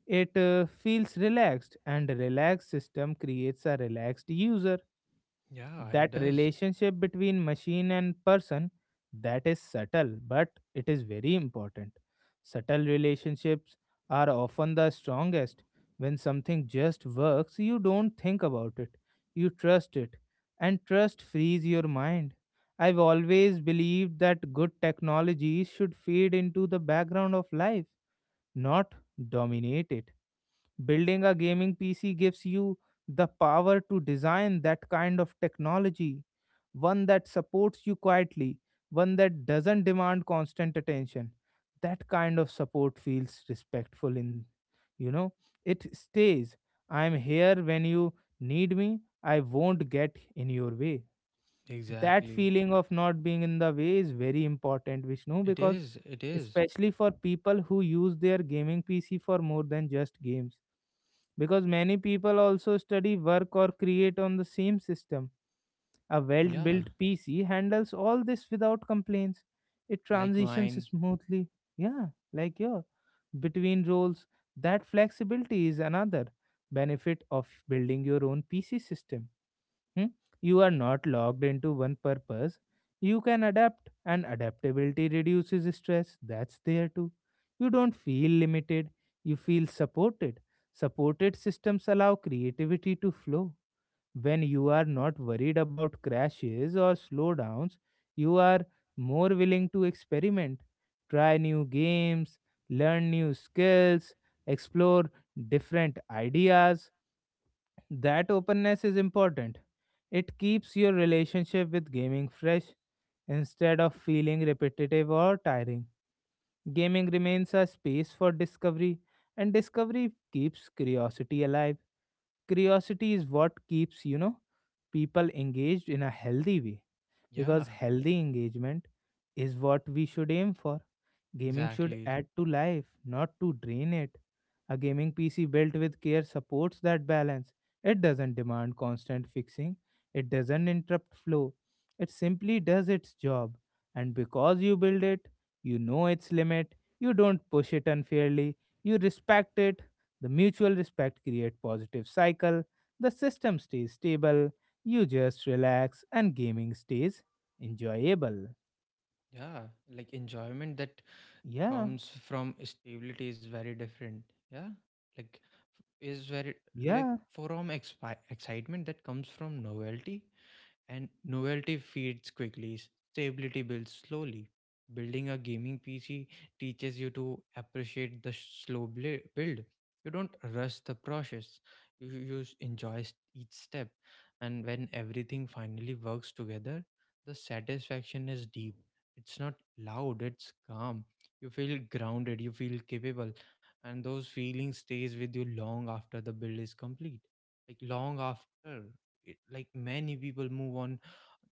it uh, feels relaxed, and a relaxed system creates a relaxed user. yeah, it That does. relationship between machine and person, that is subtle, but it is very important. Subtle relationships are often the strongest. When something just works, you don't think about it. You trust it, and trust frees your mind. I've always believed that good technology should fade into the background of life, not dominate it. Building a gaming P C gives you the power to design that kind of technology, one that supports you quietly, one that doesn't demand constant attention. That kind of support feels respectful in, you know, it stays. I'm here when you need me. I won't get in your way. That Exactly. feeling of not being in the way is very important, Vishnu, It because is, it is. especially for people who use their gaming P C for more than just games, because many people also study, work, or create on the same system. A well Yeah. built PC handles all this without complaints, it Like transitions mine. smoothly. Yeah, like your between roles. That flexibility is another benefit of building your own PC system. Hmm? You are not locked into one purpose. You can adapt, and adaptability reduces stress. That's there too. You don't feel limited, you feel supported. Supported systems allow creativity to flow. When you are not worried about crashes or slowdowns, you are more willing to experiment, try new games, learn new skills, explore different ideas. That openness is important. It keeps your relationship with gaming fresh instead of feeling repetitive or tiring. Gaming remains a space for discovery, and discovery keeps curiosity alive. Curiosity is what keeps, you know, people engaged in a healthy way, Yeah. because healthy engagement is what we should aim for. Gaming should Exactly. add to life, not to drain it. A gaming P C built with care supports that balance. It doesn't demand constant fixing, it doesn't interrupt flow. It simply does its job. And because you build it, you know its limit, you don't push it unfairly, you respect it. The mutual respect creates positive cycle. The system stays stable, you just relax, and gaming stays enjoyable. Yeah. Like enjoyment that Yeah, comes from stability is very different. Yeah. like f- is very, like yeah, from expi- excitement that comes from novelty. And novelty feeds quickly, stability builds slowly. Building a gaming P C teaches you to appreciate the sh- slow bli- build. You don't rush the process. You, you s- enjoy s- each step. And when everything finally works together, the satisfaction is deep. It's not loud, it's calm. You feel grounded, you feel capable, and those feelings stays with you long after the build is complete. Like long after it- like many people move on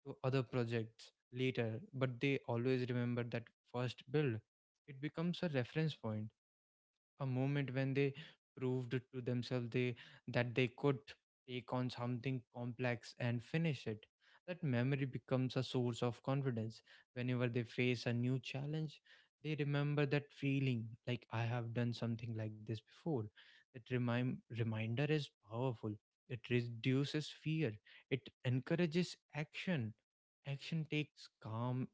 to other projects later, but they always remember that first build. It becomes a reference point, a moment when they proved to themselves they that they could take on something complex and finish it. That memory becomes a source of confidence. Whenever they face a new challenge, they remember that feeling, like I have done something like this before. That remind reminder is powerful. It reduces fear, it encourages action. Action takes calm,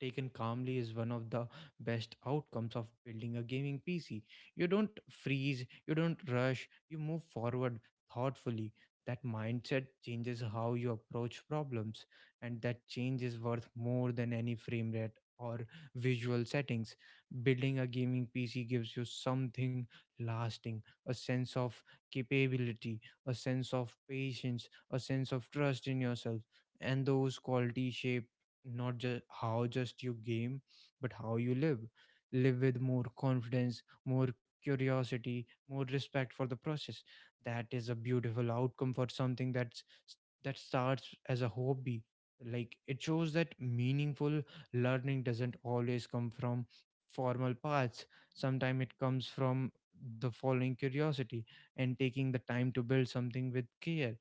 taken calmly, is one of the best outcomes of building a gaming PC. You don't freeze, you don't rush, you move forward thoughtfully. That mindset changes how you approach problems, and that change is worth more than any frame rate or visual settings. Building a gaming P C gives you something lasting, a sense of capability, a sense of patience, a sense of trust in yourself, and those qualities shape not just how just you game, but how you live. Live with more confidence, more curiosity, more respect for the process. That is a beautiful outcome for something that's that starts as a hobby. Like it shows that meaningful learning doesn't always come from formal paths. Sometimes it comes from the following curiosity and taking the time to build something with care.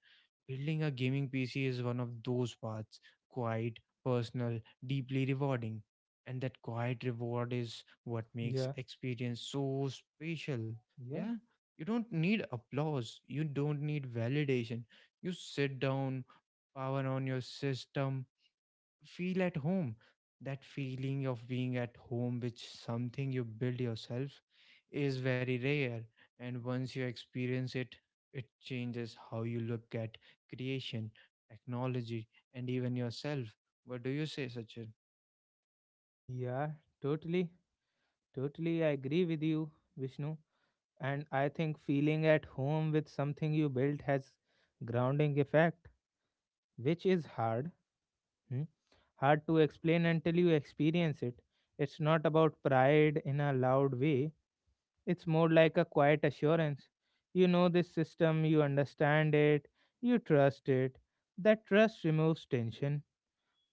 Building a gaming P C is one of those paths, quiet, personal, deeply rewarding. And that quiet reward is what makes yeah. experience so special. Yeah, Yeah, you don't need applause, you don't need validation. You sit down, power on your system, feel at home. That feeling of being at home which something you build yourself is very rare. And once you experience it, it changes how you look at creation, technology, and even yourself. What do you say, Sachin? yeah, totally, totally. I agree with you, Vishnu. And I think feeling at home with something you built has grounding effect, which is hard, hmm, hard to explain until you experience it. It's not about pride in a loud way. It's more like a quiet assurance. You know this system, you understand it, you trust it. That trust removes tension,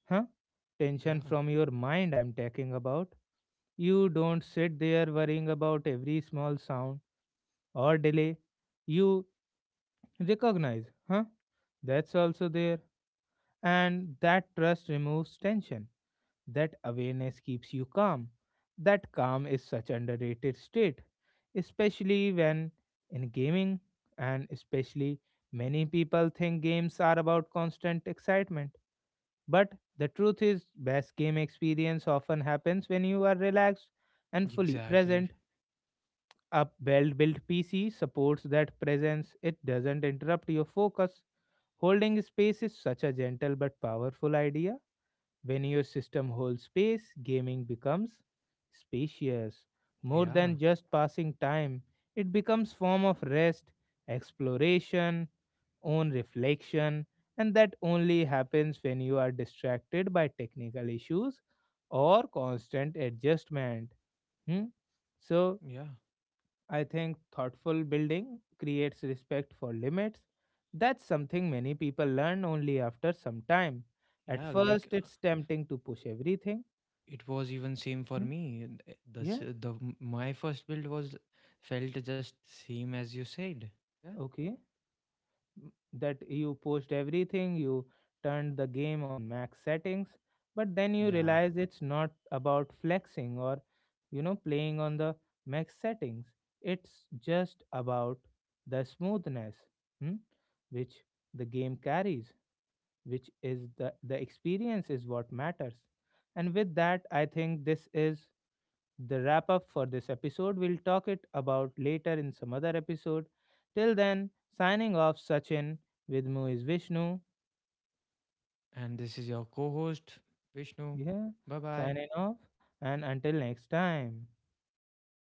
huh? Yeah. Tension from your mind. I'm talking about. You don't sit there worrying about every small sound or delay. You recognize, huh? That's also there. And that trust removes tension. That awareness keeps you calm. That calm is such underrated state, especially when in gaming, and especially many people think games are about constant excitement. But the truth is best game experience often happens when you are relaxed and fully Exactly. present. A well built P C supports that presence, it doesn't interrupt your focus. Holding space is such a gentle but powerful idea. When your system holds space, gaming becomes spacious. More Yeah. than just passing time, it becomes form of rest, exploration, own reflection, and that only happens when you are distracted by technical issues or constant adjustment. Hmm? So Yeah. I think thoughtful building creates respect for limits. That's something many people learn only after some time. At Yeah. Like first, uh, it's tempting to push everything. It was even same for Hmm, me. And, uh, the yeah, s- the m- my first build was felt just same as you said. Yeah. okay. M- That you pushed everything, you turned the game on max settings, but then you Yeah. realize it's not about flexing or, you know, playing on the max settings. It's just about the smoothness, hmm, which the game carries. Which is the, the experience is what matters. And with that, I think this is the wrap up for this episode. We'll talk it about later in some other episode. Till then, signing off, Sachin. With Mu is Vishnu. And this is your co host, Vishnu. Yeah, Bye bye. signing off. And until next time. Bye.